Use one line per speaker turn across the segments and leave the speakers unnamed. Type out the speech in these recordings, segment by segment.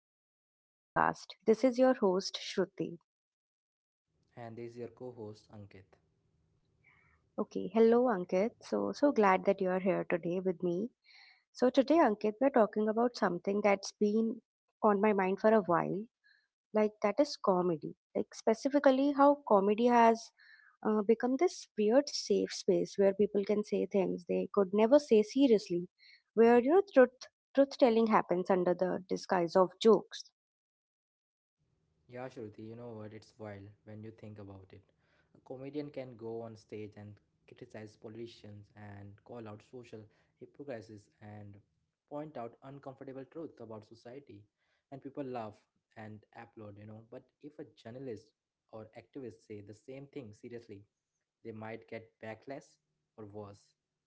back to our podcast. This is your host, Shruti.
And this is your co host Ankit.
Okay, hello, Ankit. So glad that you are here today with me. So, today, Ankit, we're talking about something that's been on my mind for a while, like that is comedy. Like, specifically, how comedy has become this weird safe space where people can say things they could never say seriously, where truth telling happens under the disguise of jokes.
Yeah, Shruti, you know what? It's wild when you think about it. A comedian can go on stage and criticize politicians and call out social hypocrisies and point out uncomfortable truths about society. And people laugh and applaud, you know. But if a journalist or activist say the same thing seriously, they might get backlash or worse.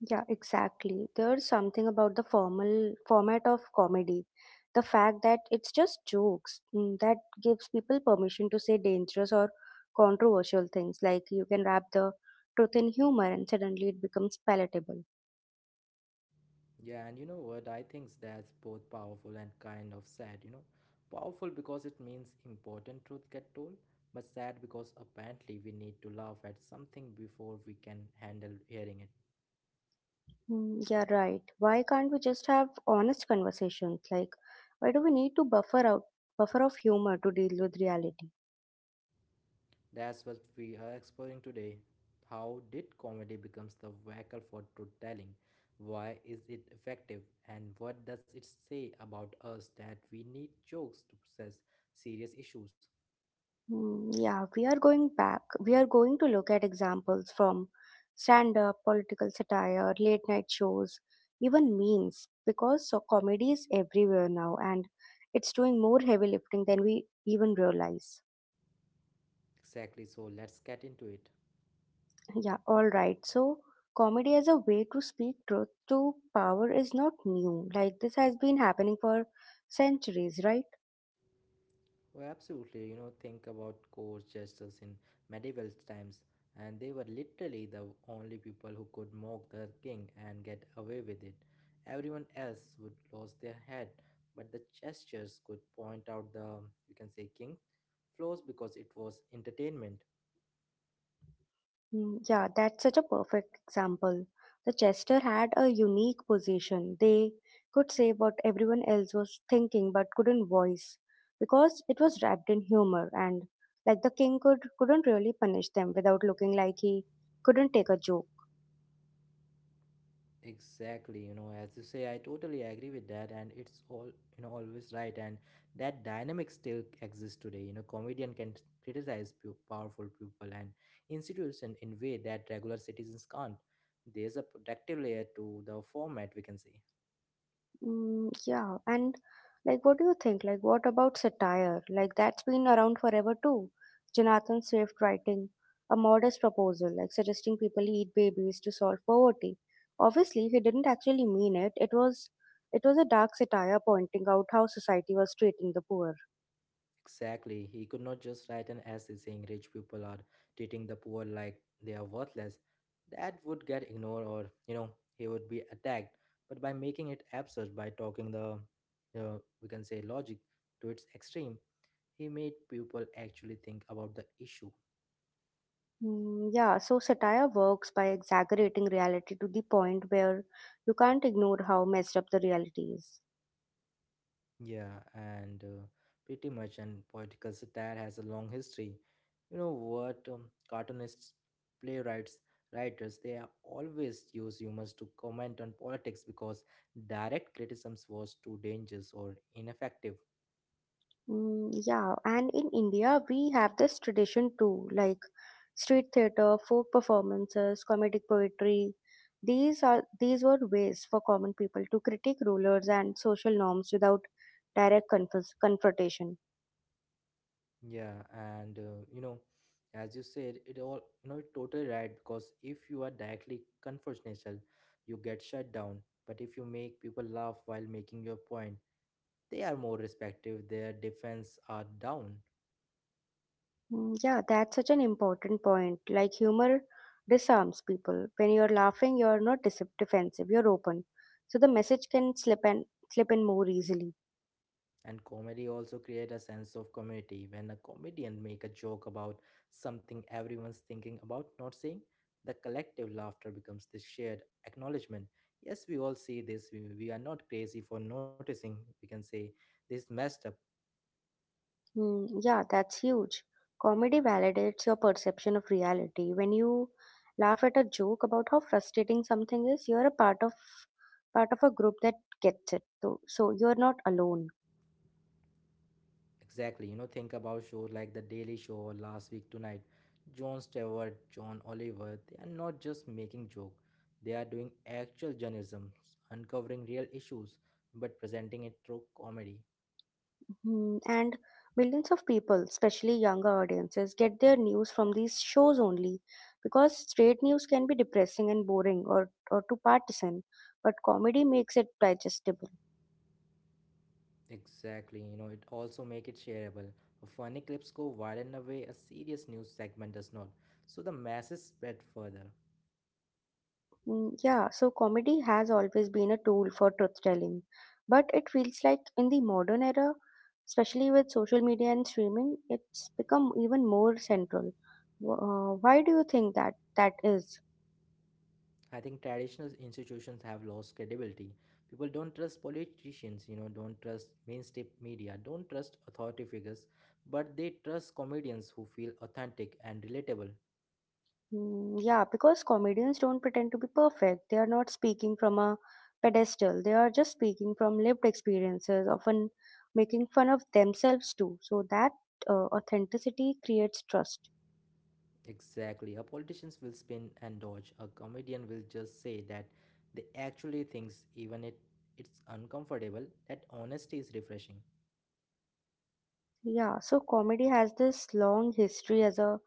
Yeah, exactly. There's something about the formal format of comedy. The fact that it's just jokes that gives people permission to say dangerous or controversial things. Like you can wrap the truth in humor and suddenly it becomes palatable.
Yeah, and you know what? I think that's both powerful and kind of sad, you know. Powerful because it means important truth get told, but sad because apparently we need to laugh at something before we can handle hearing it.
Yeah, right. Why can't we just have honest conversations? Like, why do we need to buffer of humor to deal with reality?
That's what we are exploring today. How did comedy becomes the vehicle for truth telling? Why is it effective? And what does it say about us that we need jokes to process serious issues?
Yeah, we are going back. We are going to look at examples from stand up, political satire, late night shows, even memes, because so comedy is everywhere now and it's doing more heavy lifting than we even realize.
Exactly, so let's get into it.
Yeah, all right. So, comedy as a way to speak truth to power is not new. Like, this has been happening for centuries, right?
Oh, absolutely. You know, think about court jesters in medieval times, and they were literally the only people who could mock the king and get away with it. Everyone else would lose their head, but the jesters could point out the, you can say, king flaws because it was entertainment.
Yeah, that's such a perfect example. The Chester had a unique position. They could say what everyone else was thinking but couldn't voice because it was wrapped in humor and like the king could couldn't really punish them without looking like he couldn't take a joke.
Exactly, you know, as you say, I totally agree with that, and it's all you know, always right. And that dynamic still exists today. You know, comedian can criticize powerful people and institution in way that regular citizens can't. There's a protective layer to the format, we can say.
Mm, yeah, and Like, what do you think? Like, what about satire? Like, that's been around forever too. Jonathan Swift writing a modest proposal, like suggesting people eat babies to solve poverty. Obviously, he didn't actually mean it. It was a dark satire pointing out how society was treating the poor.
Exactly. He could not just write an essay saying rich people are treating the poor like they are worthless. That would get ignored or, you know, he would be attacked. But by making it absurd, by talking the, we can say, logic to its extreme, he made people actually think about the issue.
Yeah, so satire works by exaggerating reality to the point where you can't ignore how messed up the reality is.
Yeah, and pretty much, and political satire has a long history. You know what? Cartoonists, playwrights, writers, they are always use humor to comment on politics because direct criticisms was too dangerous or ineffective.
Yeah, and in India, we have this tradition too, like street theater, folk performances, comedic poetry. These were ways for common people to critique rulers and social norms without confrontation.
Yeah, and you know, as you said, it all you know, you're totally right because if you are directly confrontational, you get shut down. But if you make people laugh while making your point, they are more respective, their defense are down.
Yeah, that's such an important point. Like humor disarms people. When you're laughing, you're not dis- defensive. You're open, so the message can slip and slip in more easily.
And comedy also create a sense of community. When a comedian make a joke about something everyone's thinking about not saying, the collective laughter becomes this shared acknowledgement. Yes, we all see this. We are not crazy for noticing. We can say this messed up.
Yeah, that's huge. Comedy validates your perception of reality. When you laugh at a joke about how frustrating something is, you're a part of a group that gets it. So you're not alone.
Exactly. You know, think about shows like The Daily Show or Last Week Tonight. Jon Stewart, John Oliver, they are not just making joke. They are doing actual journalism, uncovering real issues, but presenting it through comedy.
Hmm, and millions of people, especially younger audiences, get their news from these shows only because straight news can be depressing and boring or too partisan, but comedy makes it digestible.
Exactly. You know, it also make it shareable. Funny clips go viral in a way a serious news segment does not, so the masses spread further.
Yeah, so comedy has always been a tool for truth telling. But it feels like in the modern era, especially with social media and streaming, it's become even more central. Why do you think that is?
I think traditional institutions have lost credibility. People don't trust politicians, you know, don't trust mainstream media, don't trust authority figures, but they trust comedians who feel authentic and relatable.
Yeah, because comedians don't pretend to be perfect. They are not speaking from a pedestal. They are just speaking from lived experiences, often making fun of themselves too. So that authenticity creates trust.
Exactly. A politician will spin and dodge. A comedian will just say that they actually thinks even it's uncomfortable. That honesty is refreshing.
Yeah, so comedy has this long history as a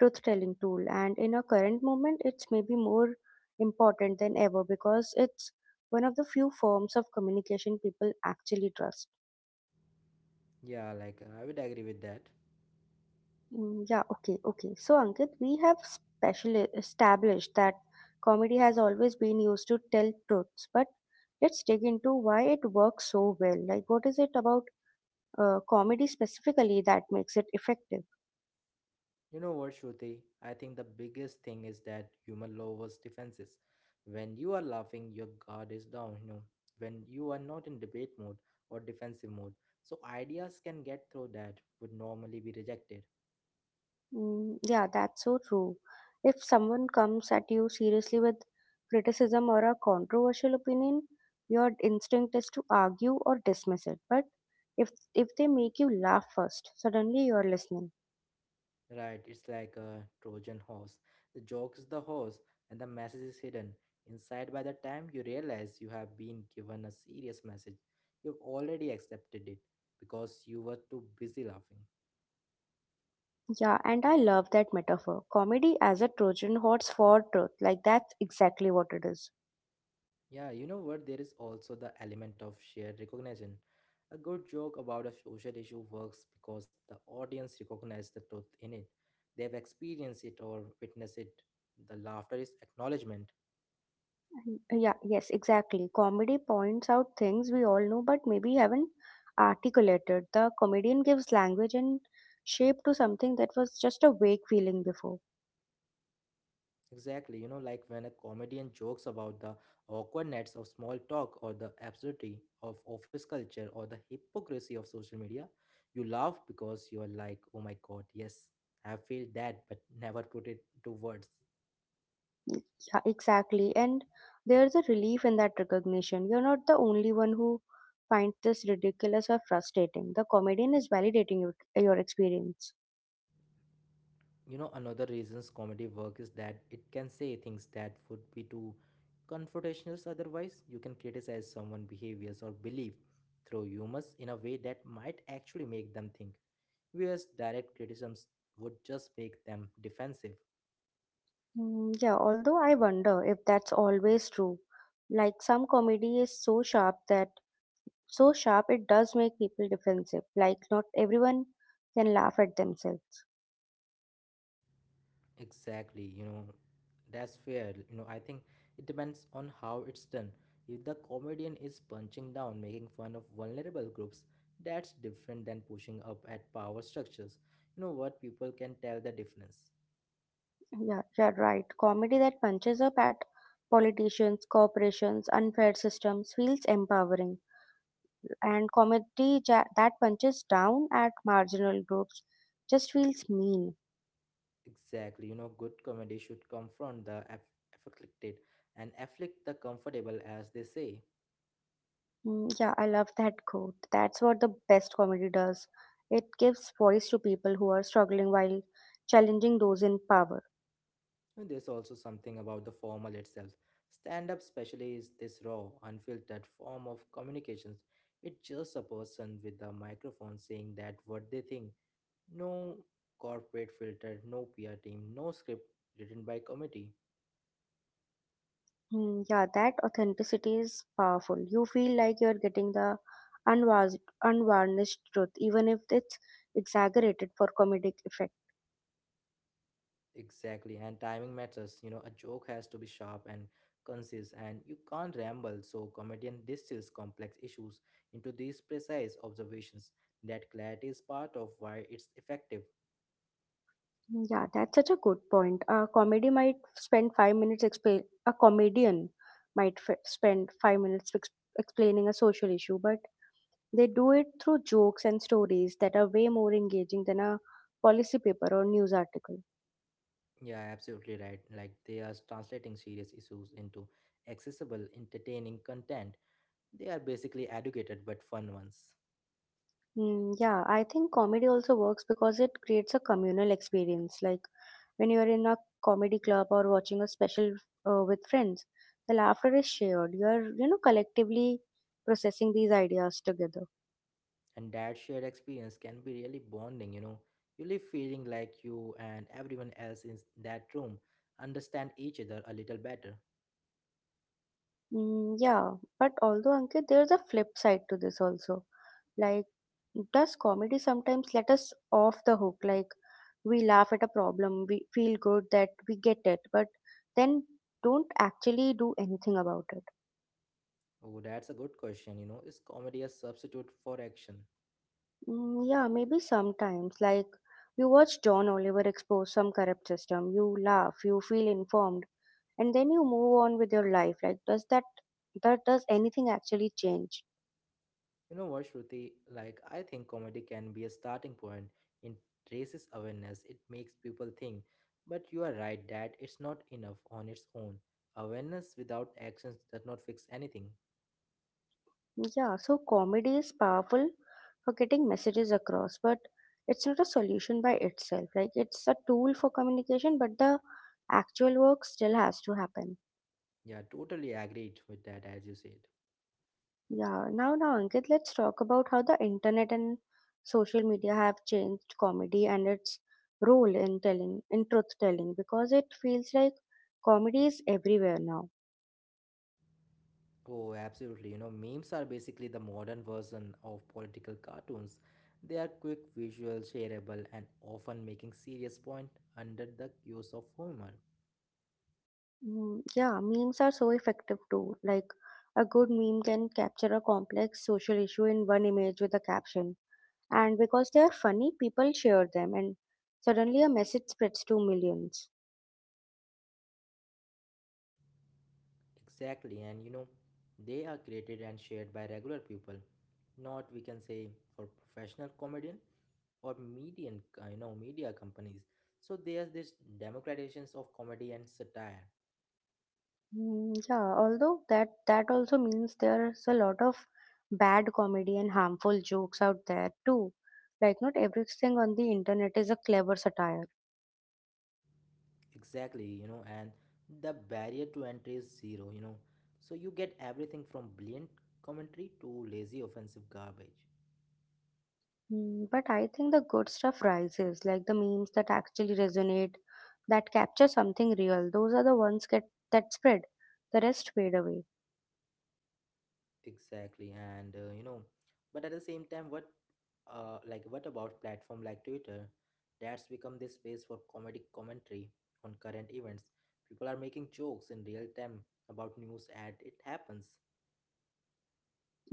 truth telling tool, and in our current moment, it's maybe more important than ever because it's one of the few forms of communication people actually trust.
Yeah, like I would agree with that.
Yeah, okay. So, Ankit, we have specially established that comedy has always been used to tell truths, but let's dig into why it works so well. Like, what is it about comedy specifically that makes it effective?
You know what, Shruti? I think the biggest thing is that human lowers defenses. When you are laughing, your guard is down, you know. When you are not in debate mode or defensive mode, so ideas can get through that would normally be rejected.
Yeah, that's so true. If someone comes at you seriously with criticism or a controversial opinion, your instinct is to argue or dismiss it. But if they make you laugh first, suddenly you're listening.
Right, it's like a Trojan horse. The joke is the horse, and the message is hidden. Inside, by the time you realize you have been given a serious message, you've already accepted it because you were too busy laughing.
Yeah, and I love that metaphor. Comedy as a Trojan horse for truth. Like that's exactly what it is.
Yeah, you know what? There is also the element of shared recognition. A good joke about a social issue works because the audience recognizes the truth in it. They've experienced it or witnessed it. The laughter is acknowledgement.
Yeah, yes, exactly. Comedy points out things we all know but maybe haven't articulated. The comedian gives language and shape to something that was just a vague feeling before.
Exactly, you know, like when a comedian jokes about the awkwardness of small talk or the absurdity of office culture or the hypocrisy of social media, you laugh because you are like, oh my god, yes, I feel that, but never put it to words.
Yeah, exactly. And there's a relief in that recognition. You're not the only one who finds this ridiculous or frustrating. The comedian is validating your experience.
You know another reasons comedy work is that it can say things that would be too confrontational otherwise. You can criticize someone behaviors or belief through humor in a way that might actually make them think, whereas direct criticisms would just make them defensive.
Yeah, although I wonder if that's always true. Like some comedy is so sharp it does make people defensive. Like not everyone can laugh at themselves.
Exactly, you know, that's fair. You know, I think it depends on how it's done. If the comedian is punching down, making fun of vulnerable groups, that's different than pushing up at power structures. You know what? People can tell the difference.
Yeah, you're right. Comedy that punches up at politicians, corporations, unfair systems feels empowering, and comedy that punches down at marginal groups just feels mean.
Exactly, you know, good comedy should confront the afflicted and afflict the comfortable, as they say.
Yeah, I love that quote. That's what the best comedy does. It gives voice to people who are struggling while challenging those in power.
And there's also something about the formal itself. Stand up, especially, is this raw, unfiltered form of communications. It's just a person with a microphone saying that what they think. No corporate filter, no PR team, no script written by committee.
Yeah, that authenticity is powerful. You feel like you're getting the unwas- unvarnished truth, even if it's exaggerated for comedic effect.
Exactly, and timing matters. You know, a joke has to be sharp and concise, and you can't ramble. So, comedian distills complex issues into these precise observations. That clarity is part of why it's effective.
Yeah, that's such a good point. A comedy might spend five minutes explain. A comedian might f- spend five minutes ex- explaining a social issue, but they do it through jokes and stories that are way more engaging than a policy paper or news article.
Yeah, absolutely right. Like they are translating serious issues into accessible, entertaining content. They are basically educated but fun ones.
Yeah, I think comedy also works because it creates a communal experience. Like when you are in a comedy club or watching a special with friends, the laughter is shared. You are, you know, collectively processing these ideas together.
And that shared experience can be really bonding, you know. You leave feeling like you and everyone else in that room understand each other a little better.
Yeah, but although Ankit, there's a flip side to this also. Like, does comedy sometimes let us off the hook? Like, we laugh at a problem, we feel good that we get it, but then don't actually do anything about it.
Oh, that's a good question, you know. Is comedy a substitute for action?
Yeah, maybe sometimes. Like, you watch John Oliver expose some corrupt system, you laugh, you feel informed, and then you move on with your life. Like, that does anything actually change?
You know what, Shruti? Like, I think comedy can be a starting point. It raises awareness, it makes people think. But you are right that it's not enough on its own. Awareness without actions does not fix anything.
Yeah, so comedy is powerful for getting messages across, but it's not a solution by itself. Like, it's a tool for communication, but the actual work still has to happen.
Yeah, totally agreed with that, as you said.
Yeah, now Ankit, let's talk about how the internet and social media have changed comedy and its role in telling in truth telling because it feels like comedy is everywhere now.
Oh, absolutely. You know, memes are basically the modern version of political cartoons. They are quick, visual, shareable, and often making serious point under the use of humor.
Yeah, memes are so effective too. Like a good meme can capture a complex social issue in one image with a caption. And because they are funny, people share them and suddenly a message spreads to millions.
Exactly, and you know, they are created and shared by regular people, not we can say for professional comedian or median, you know, media companies. So there's this democratizations of comedy and satire.
Yeah, although that also means there's a lot of bad comedy and harmful jokes out there too. Like not everything on the internet is a clever satire.
Exactly, you know, and the barrier to entry is zero, you know. So you get everything from brilliant commentary to lazy offensive garbage.
Mm, but I think the good stuff rises, like the memes that actually resonate, that capture something real. Those are the ones get that spread. The rest fade away.
Exactly, and uh, you know, but at the same time, like what about platform like Twitter, that's become this space for comedic commentary on current events. People are making jokes in real time about news as it happens.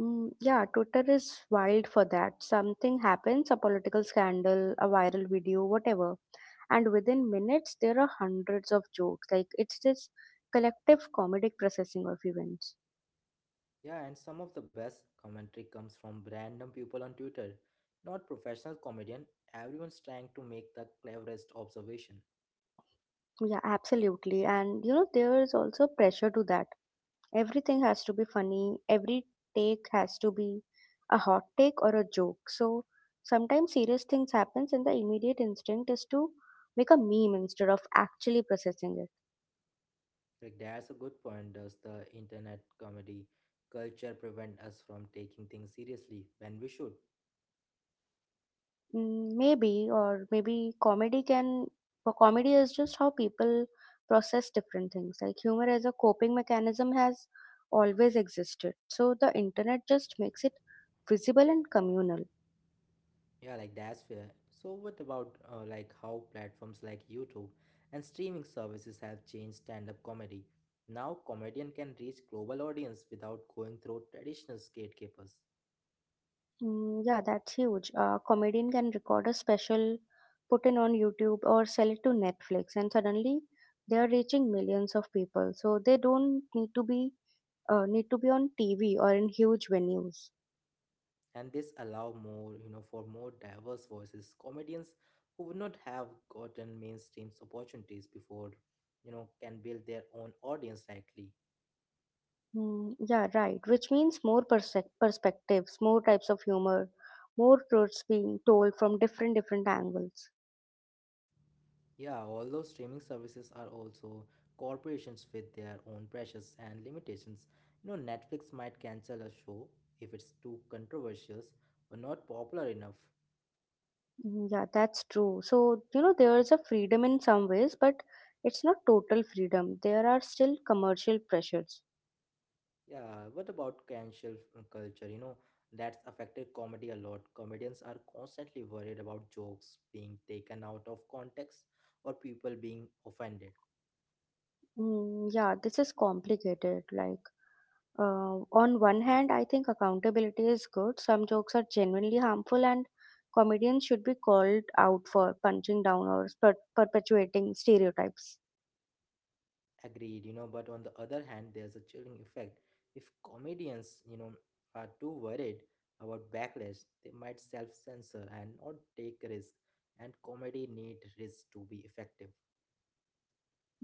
Yeah, Twitter is wild for that. Something happens, a political scandal, a viral video, whatever, and within minutes there are hundreds of jokes. Like it's this collective comedic processing of events.
Yeah, and some of the best commentary comes from random people on Twitter, not professional comedian. Everyone's trying to make the cleverest observation.
Yeah, absolutely, and you know there is also pressure to that everything has to be funny. Every take has to be a hot take or a joke. So sometimes serious things happens and the immediate instinct is to make a meme instead of actually processing it.
Like that's a good point. Does the internet comedy culture prevent us from taking things seriously when we should?
Mm, maybe. Or comedy is just how people process different things. Like humor as a coping mechanism has always existed, so the internet just makes it visible and communal.
Yeah, like that's fair. So, what about like how platforms like YouTube and streaming services have changed stand-up comedy? Now, comedian can reach global audience without going through traditional gatekeepers,
Mm, yeah, that's huge. A comedian can record a special, put it on YouTube or sell it to Netflix, and suddenly they are reaching millions of people. So they don't need to be on TV or in huge venues.
and this allow more, you know, for more diverse voices. Comedians who would not have gotten mainstream opportunities before, you know, can build their own audience directly.
Yeah, right. Which means more perspectives, more types of humor, more truths being told from different angles.
Yeah, although streaming services are also corporations with their own pressures and limitations. You know, Netflix might cancel a show if it's too controversial or not popular enough.
Yeah, that's true. So, you know, there is a freedom in some ways, but it's not total freedom. There are still commercial pressures.
Yeah, what about cancel culture? You know, that's affected comedy a lot. Comedians are constantly worried about jokes being taken out of context or people being offended.
Yeah, this is complicated. Like, on one hand, I think accountability is good. Some jokes are genuinely harmful, and comedians should be called out for punching down or perpetuating stereotypes.
Agreed, you know, but on the other hand, there's a chilling effect. If comedians, you know, are too worried about backlash, they might self censor and not take risk. And comedy need risk to be effective.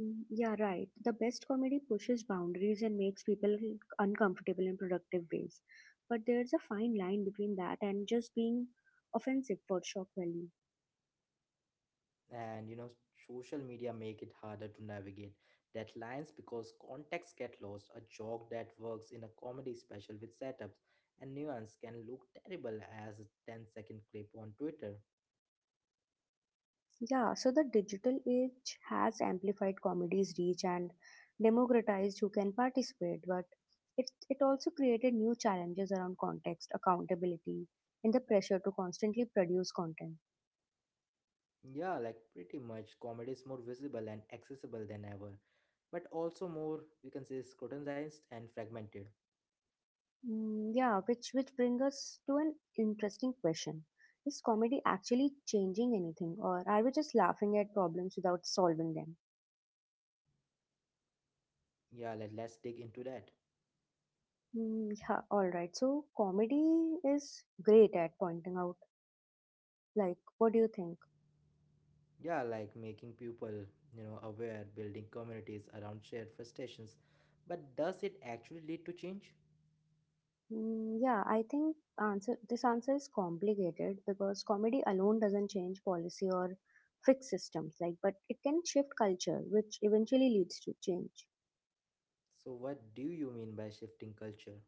Yeah, right. The best comedy pushes boundaries and makes people uncomfortable in productive ways. But there's a fine line between that and just being offensive for shock value.
And you know, social media make it harder to navigate that lines because context get lost. A joke that works in a comedy special with setups and nuance can look terrible as a ten-second clip on Twitter.
Yeah, so the digital age has amplified comedy's reach and democratized who can participate, but it also created new challenges around context, accountability, and the pressure to constantly produce content.
Yeah, like pretty much comedy is more visible and accessible than ever, but also more, we can say, scrutinized and fragmented.
Yeah, which brings us to an interesting question. Is comedy actually changing anything, or are we just laughing at problems without solving them?
Yeah, like let's dig into that.
Yeah, all right. So comedy is great at pointing out. Like, what do you think?
Yeah, like making people, you know, aware, building communities around shared frustrations. But does it actually lead to change?
Yeah, I think answer is complicated because comedy alone doesn't change policy or fix systems. Like, but it can shift culture, which eventually leads to change.
So, what do you mean by shifting culture?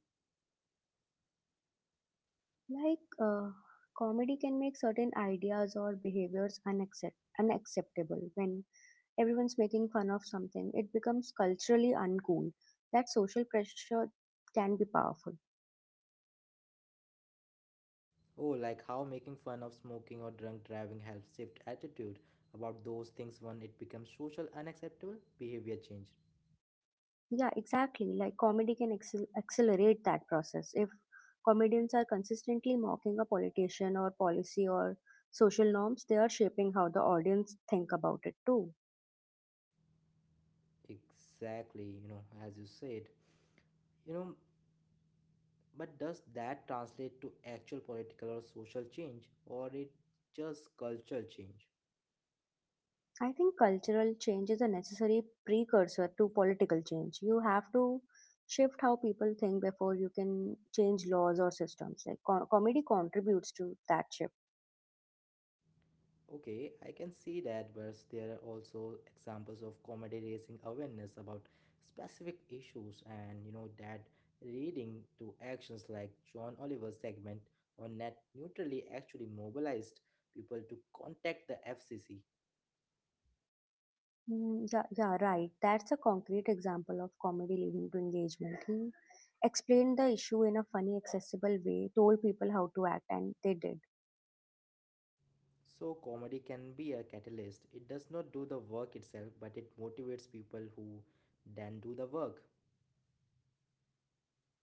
Like, uh, Comedy can make certain ideas or behaviors unacceptable. When everyone's making fun of something, it becomes culturally uncool. That social pressure can be powerful.
Oh, like how making fun of smoking or drunk driving helps shift attitude about those things when it becomes social unacceptable behavior change.
Yeah, exactly. Like, comedy can accelerate that process. If comedians are consistently mocking a politician or policy or social norms, they are shaping how the audience think about it too.
Exactly, you know, as you said, you know, but does that translate to actual political or social change or it just cultural change?
I think cultural change is a necessary precursor to political change. You have to shift how people think before you can change laws or systems. Like comedy contributes to that shift.
Okay, I can see that, but there are also examples of comedy raising awareness about specific issues and you know that leading to actions like John Oliver's segment on net neutrality actually mobilized people to contact the FCC.
Yeah, yeah, right. That's a concrete example of comedy leading to engagement. He explained the issue in a funny, accessible way, told people how to act, and they did.
So, comedy can be a catalyst. It does not do the work itself, but it motivates people who then do the work.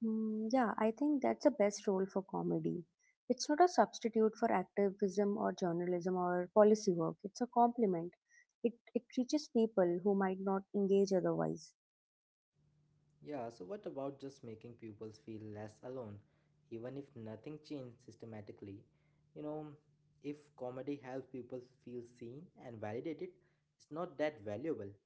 Yeah, I think that's the best role for comedy. It's not a substitute for activism or journalism or policy work. It's a complement. It reaches people who might not engage otherwise.
Yeah, so what about just making pupils feel less alone? Even if nothing changed systematically, you know, if comedy helps people feel seen and validated, it's not that valuable.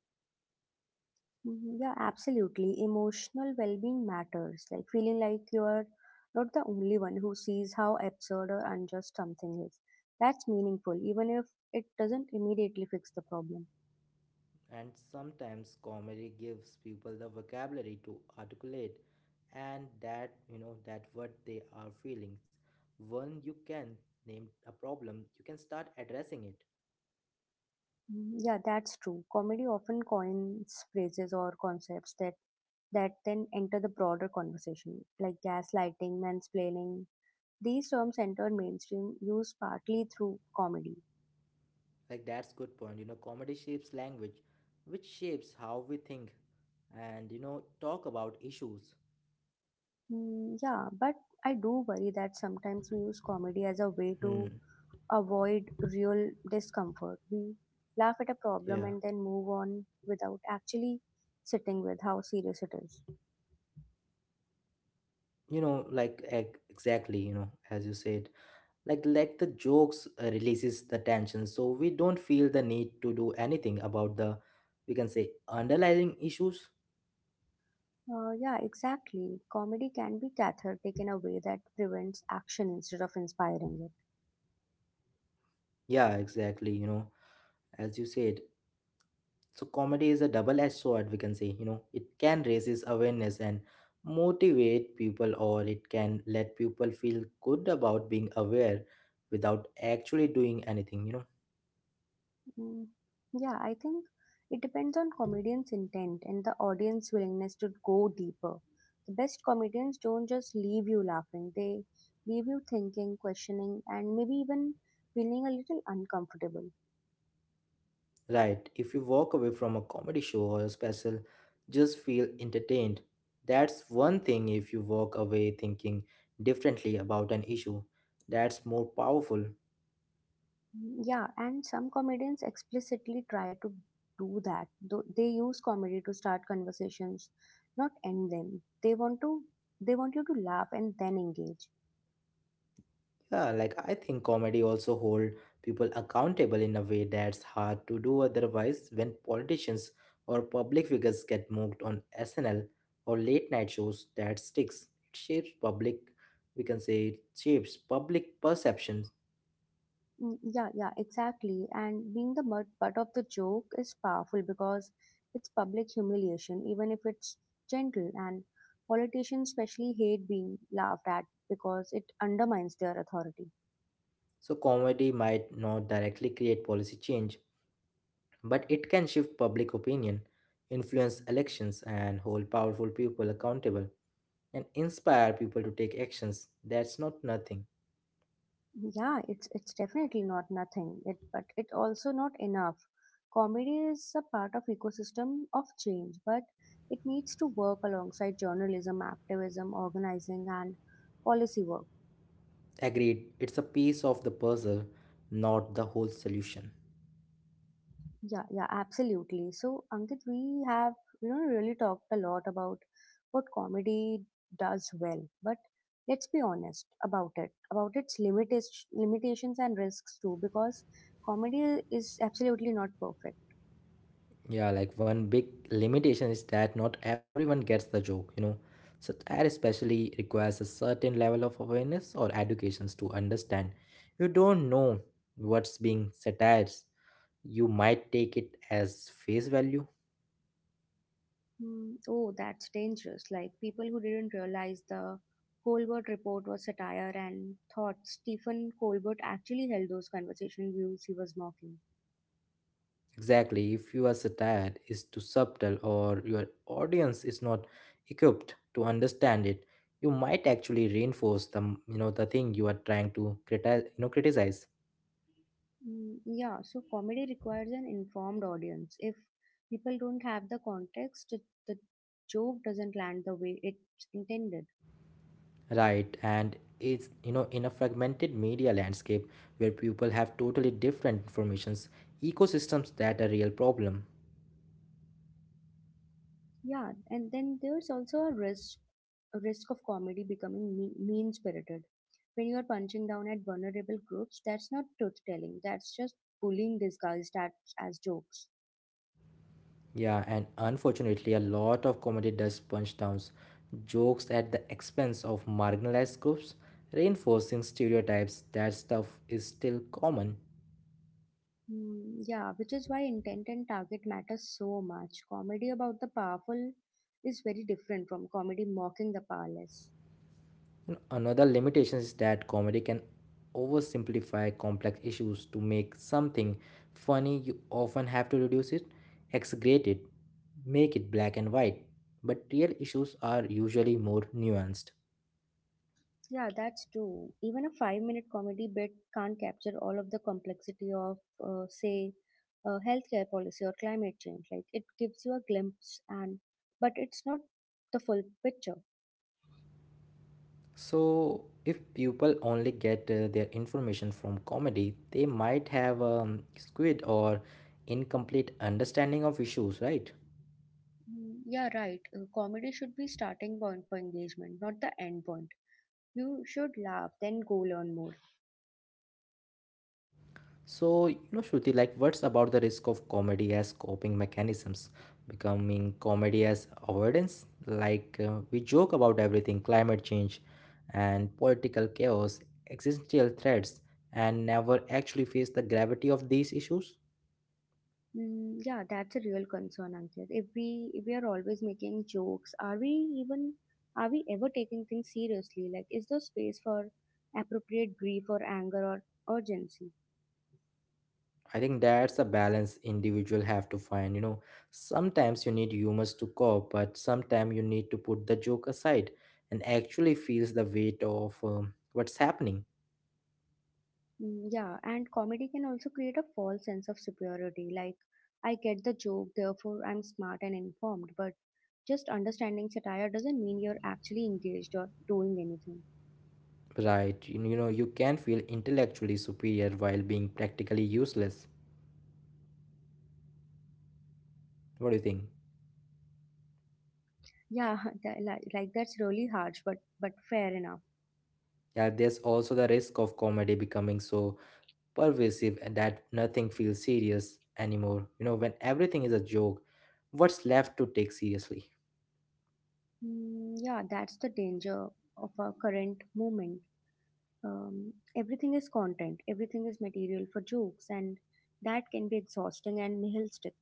Mhm. Yeah, absolutely. Emotional well-being matters. Like feeling like you are not the only one who sees how absurd or unjust something is. That's meaningful, even if it doesn't immediately fix the problem.
And sometimes comedy gives people the vocabulary to articulate and that that what they are feelings. When you can name a problem, you can start addressing it.
Mhm. Yeah, that's true. Comedy often coins phrases or concepts that then enter the broader conversation, like gaslighting, mansplaining. These terms entered mainstream use partly through comedy.
Like that's good point. You know, comedy shapes language, which shapes how we think and talk about issues.
Yeah, but I do worry that sometimes we use comedy as a way
Hmm.
to avoid real discomfort. We laugh at a problem
Yeah.
and then move on without actually sitting with how serious it is.
You know, exactly, you know, as you said. Like the jokes releases the tension so we don't feel the need to do anything about the, we can say, underlying issues.
Yeah, exactly. Comedy can be cathartic in a way that prevents action instead of inspiring it.
Yeah, exactly, you know, as you said. So comedy is a double-edged sword, we can say, you know, it can raises awareness and motivate people, or it can let people feel good about being aware without actually doing anything, you know.
Mm, Yeah, I think it depends on comedian's intent and the audience willingness to go deeper. The best comedians don't just leave you laughing, they leave you thinking, questioning, and maybe even feeling a little uncomfortable.
Right, if you walk away from a comedy show or a special, just feel entertained. That's one thing. If you walk away thinking differently about an issue, that's more powerful.
Yeah, and some comedians explicitly try to do that. Though they use comedy to start conversations, not end them. They want you to laugh and then engage.
Yeah, like I think comedy also hold people accountable in a way that's hard to do otherwise. When politicians or public figures get mocked on SNL or late night shows, that sticks. It shapes public, we can say, it shapes public perceptions.
Yeah, yeah, exactly. And being the butt of the joke is powerful because it's public humiliation, even if it's gentle. And politicians especially hate being laughed at because it undermines their authority.
So, comedy might not directly create policy change, but it can shift public opinion, influence elections, and hold powerful people accountable, and inspire people to take actions. That's not nothing.
Yeah, it's definitely not nothing. It but it also not enough. Comedy is a part of ecosystem of change, but it needs to work alongside journalism, activism, organizing, and policy work.
Agreed, it's a piece of the puzzle, not the whole solution.
Yeah, yeah, absolutely. So, Ankit, we have, you know, really talked a lot about what comedy does well, but let's be honest about it, about its limitations and risks too, because comedy is absolutely not perfect.
Yeah, like one big limitation is that not everyone gets the joke, you know. Satire especially requires a certain level of awareness or educations to understand. You don't know what's being satirized, you might take it as face value.
Hmm. Oh, that's dangerous. Like people who didn't realize the Colbert Report was satire and thought Stephen Colbert actually held those conversation views he was mocking.
Exactly, if your satire is too subtle or your audience is not equipped to understand it, you might actually reinforce the the thing you are trying to criticize,
Yeah, so comedy requires an informed audience. If people don't have the context, it, the joke doesn't land the way it's intended.
right? And it's, you know, in a fragmented media landscape where people have totally different informations, ecosystems, that a real problem.
Yeah, and then there's also a risk of comedy becoming mean-spirited. When you are punching down at vulnerable groups, that's not truth-telling. That's just bullying disguised as jokes.
Yeah, and unfortunately, a lot of comedy does punch downs jokes at the expense of marginalized groups, reinforcing stereotypes. That stuff is still common.
Yeah, which is why intent and target matter so much. Comedy about the powerful is very different from comedy mocking the powerless.
And another limitation is that comedy can oversimplify complex issues. To make something funny, you often have to reduce it, exaggerate it, make it black and white. But real issues are usually more nuanced.
Yeah, that's true. Even a 5-minute comedy bit can't capture all of the complexity of, say, healthcare policy or climate change. Like it gives you a glimpse, and but it's not the full picture.
So, if people only get their information from comedy, they might have a skewed or incomplete understanding of issues, right?
Yeah, right. Comedy should be starting point for engagement, not the end point. You should laugh, then go learn more.
So, you know, Shruti, like, what's about the risk of comedy as coping mechanisms? Becoming comedy as avoidance? Like, we joke about everything: climate change and political chaos, existential threats, and never actually face the gravity of these issues?
Yeah, that's a real concern, Ankit. If we are always making jokes, are we even are we ever taking things seriously? Like, is there space for appropriate grief or anger or urgency?
I think that's a balance individual have to find. You know, sometimes you need humors to cope, but sometimes you need to put the joke aside and actually feels the weight of what's happening.
Yeah, and comedy can also create a false sense of superiority. Like, I get the joke, therefore I'm smart and informed. But just understanding satire doesn't mean you're actually engaged or doing anything.
Right? You know, you can feel intellectually superior while being practically useless. What do you think?
Yeah, like that's really harsh, but fair enough.
Yeah, there's also the risk of comedy becoming so pervasive and that nothing feels serious anymore. You know, when everything is a joke, what's left to take seriously?
Yeah, that's the danger of our current moment. Everything is content, everything is material for jokes, and that can be exhausting and nihilistic.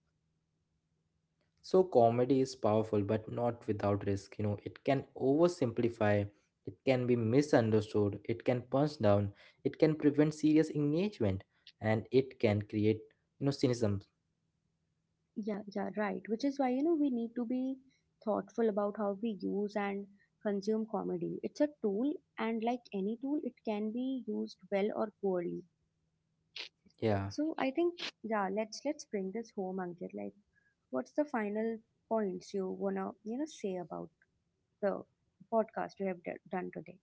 So comedy is powerful, but not without risk. You know, it can oversimplify, it can be misunderstood, it can punch down, it can prevent serious engagement, and it can create, you know, cynicism.
Yeah, yeah, right. Which is why, you know, we need to be thoughtful about how we use and consume comedy. It's a tool, and like any tool, it can be used well or poorly.
Yeah.
So I think, yeah, let's bring this home, Ankit. Like, what's the final points you wanna, you know, say about the podcast we have done today?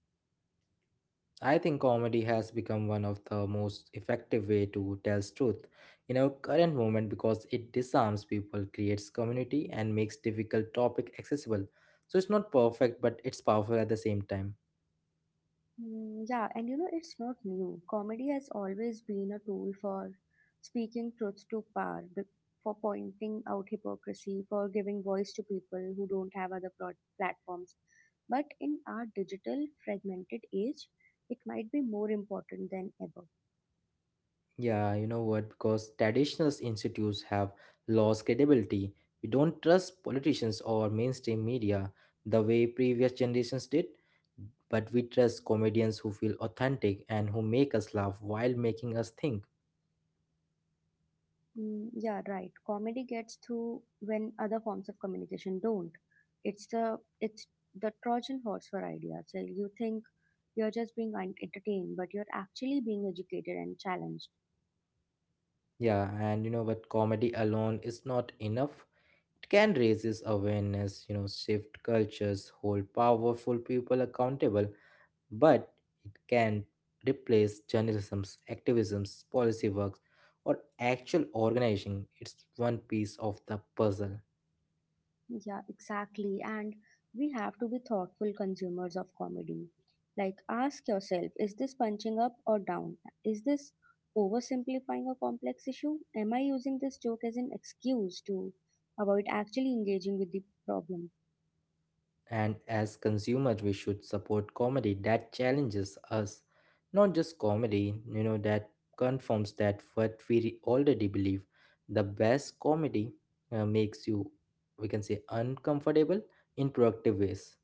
I think comedy has become one of the most effective way to tell truth in our current moment, because it disarms people, creates community, and makes difficult topic accessible. So it's not perfect, but it's powerful at the same time.
Yeah, and you know, it's not new. Comedy has always been a tool for speaking truth to power, for pointing out hypocrisy, for giving voice to people who don't have other platforms. But in our digital, fragmented age, it might be more important than ever.
Yeah, you know what? Because traditional institutes have lost credibility. We don't trust politicians or mainstream media the way previous generations did, but we trust comedians who feel authentic and who make us laugh while making us think.
Yeah, right. Comedy gets through when other forms of communication don't. It's the Trojan horse for ideas. So you think you're just being entertained, but you're actually being educated and challenged.
Yeah, and you know what? Comedy alone is not enough. It can raise this awareness, you know, shift cultures, hold powerful people accountable, but it can replace journalism's activism's policy works or actual organizing. It's one piece of the puzzle.
Yeah, exactly. And we have to be thoughtful consumers of comedy. Like, ask yourself: is this punching up or down? Is this oversimplifying a complex issue? Am I using this joke as an excuse to avoid actually engaging with the problem?
And as consumers we should support comedy that challenges us, not just comedy, you know, that confirms that what we already believe. The best comedy makes you, we can say, uncomfortable in productive ways.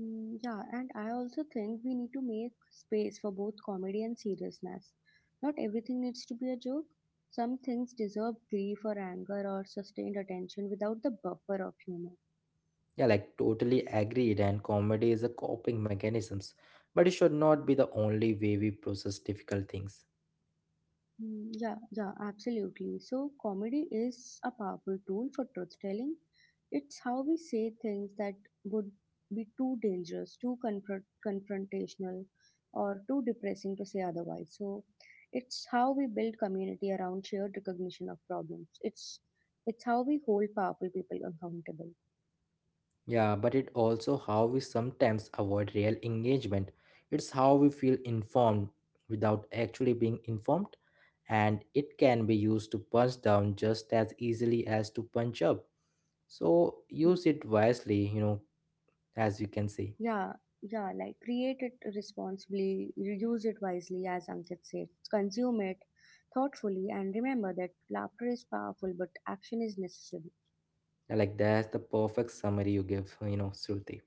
Yeah, and I also think we need to make space for both comedy and seriousness. Not everything needs to be a joke. Some things deserve grief or anger or sustained attention without the buffer of humor.
Yeah, like totally agreed. And comedy is a coping mechanisms, but it should not be the only way we process difficult things.
Mm. Yeah, yeah, absolutely. So, comedy is a powerful tool for truth telling. It's how we say things that would be too dangerous, too confrontational, or too depressing to say otherwise. So, it's how we build community around shared recognition of problems. It's how we hold powerful people accountable.
Yeah, but it also how we sometimes avoid real engagement. It's how we feel informed without actually being informed, and it can be used to punch down just as easily as to punch up. So
Hmm.
use it wisely, you know, as you can see.
Yeah, yeah, like create it responsibly, use it wisely, as Ankit said. Consume it thoughtfully, and remember that laughter is powerful, but action is necessary.
I like that's the perfect summary you give, you know, Shruti.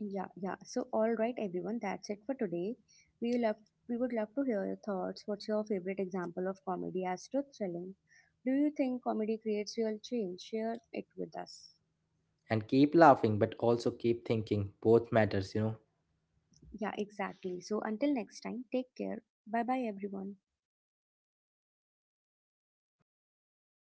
Yeah, yeah. So, all right, everyone, that's it for today. We love, we would love to hear your thoughts. What's your favorite example of comedy as truth telling? Do you think comedy creates real change? Share it with us.
And keep laughing but also keep thinking, both matters, you know.
Yeah, exactly. So, until next time, take care. Bye bye, everyone.
Yeah.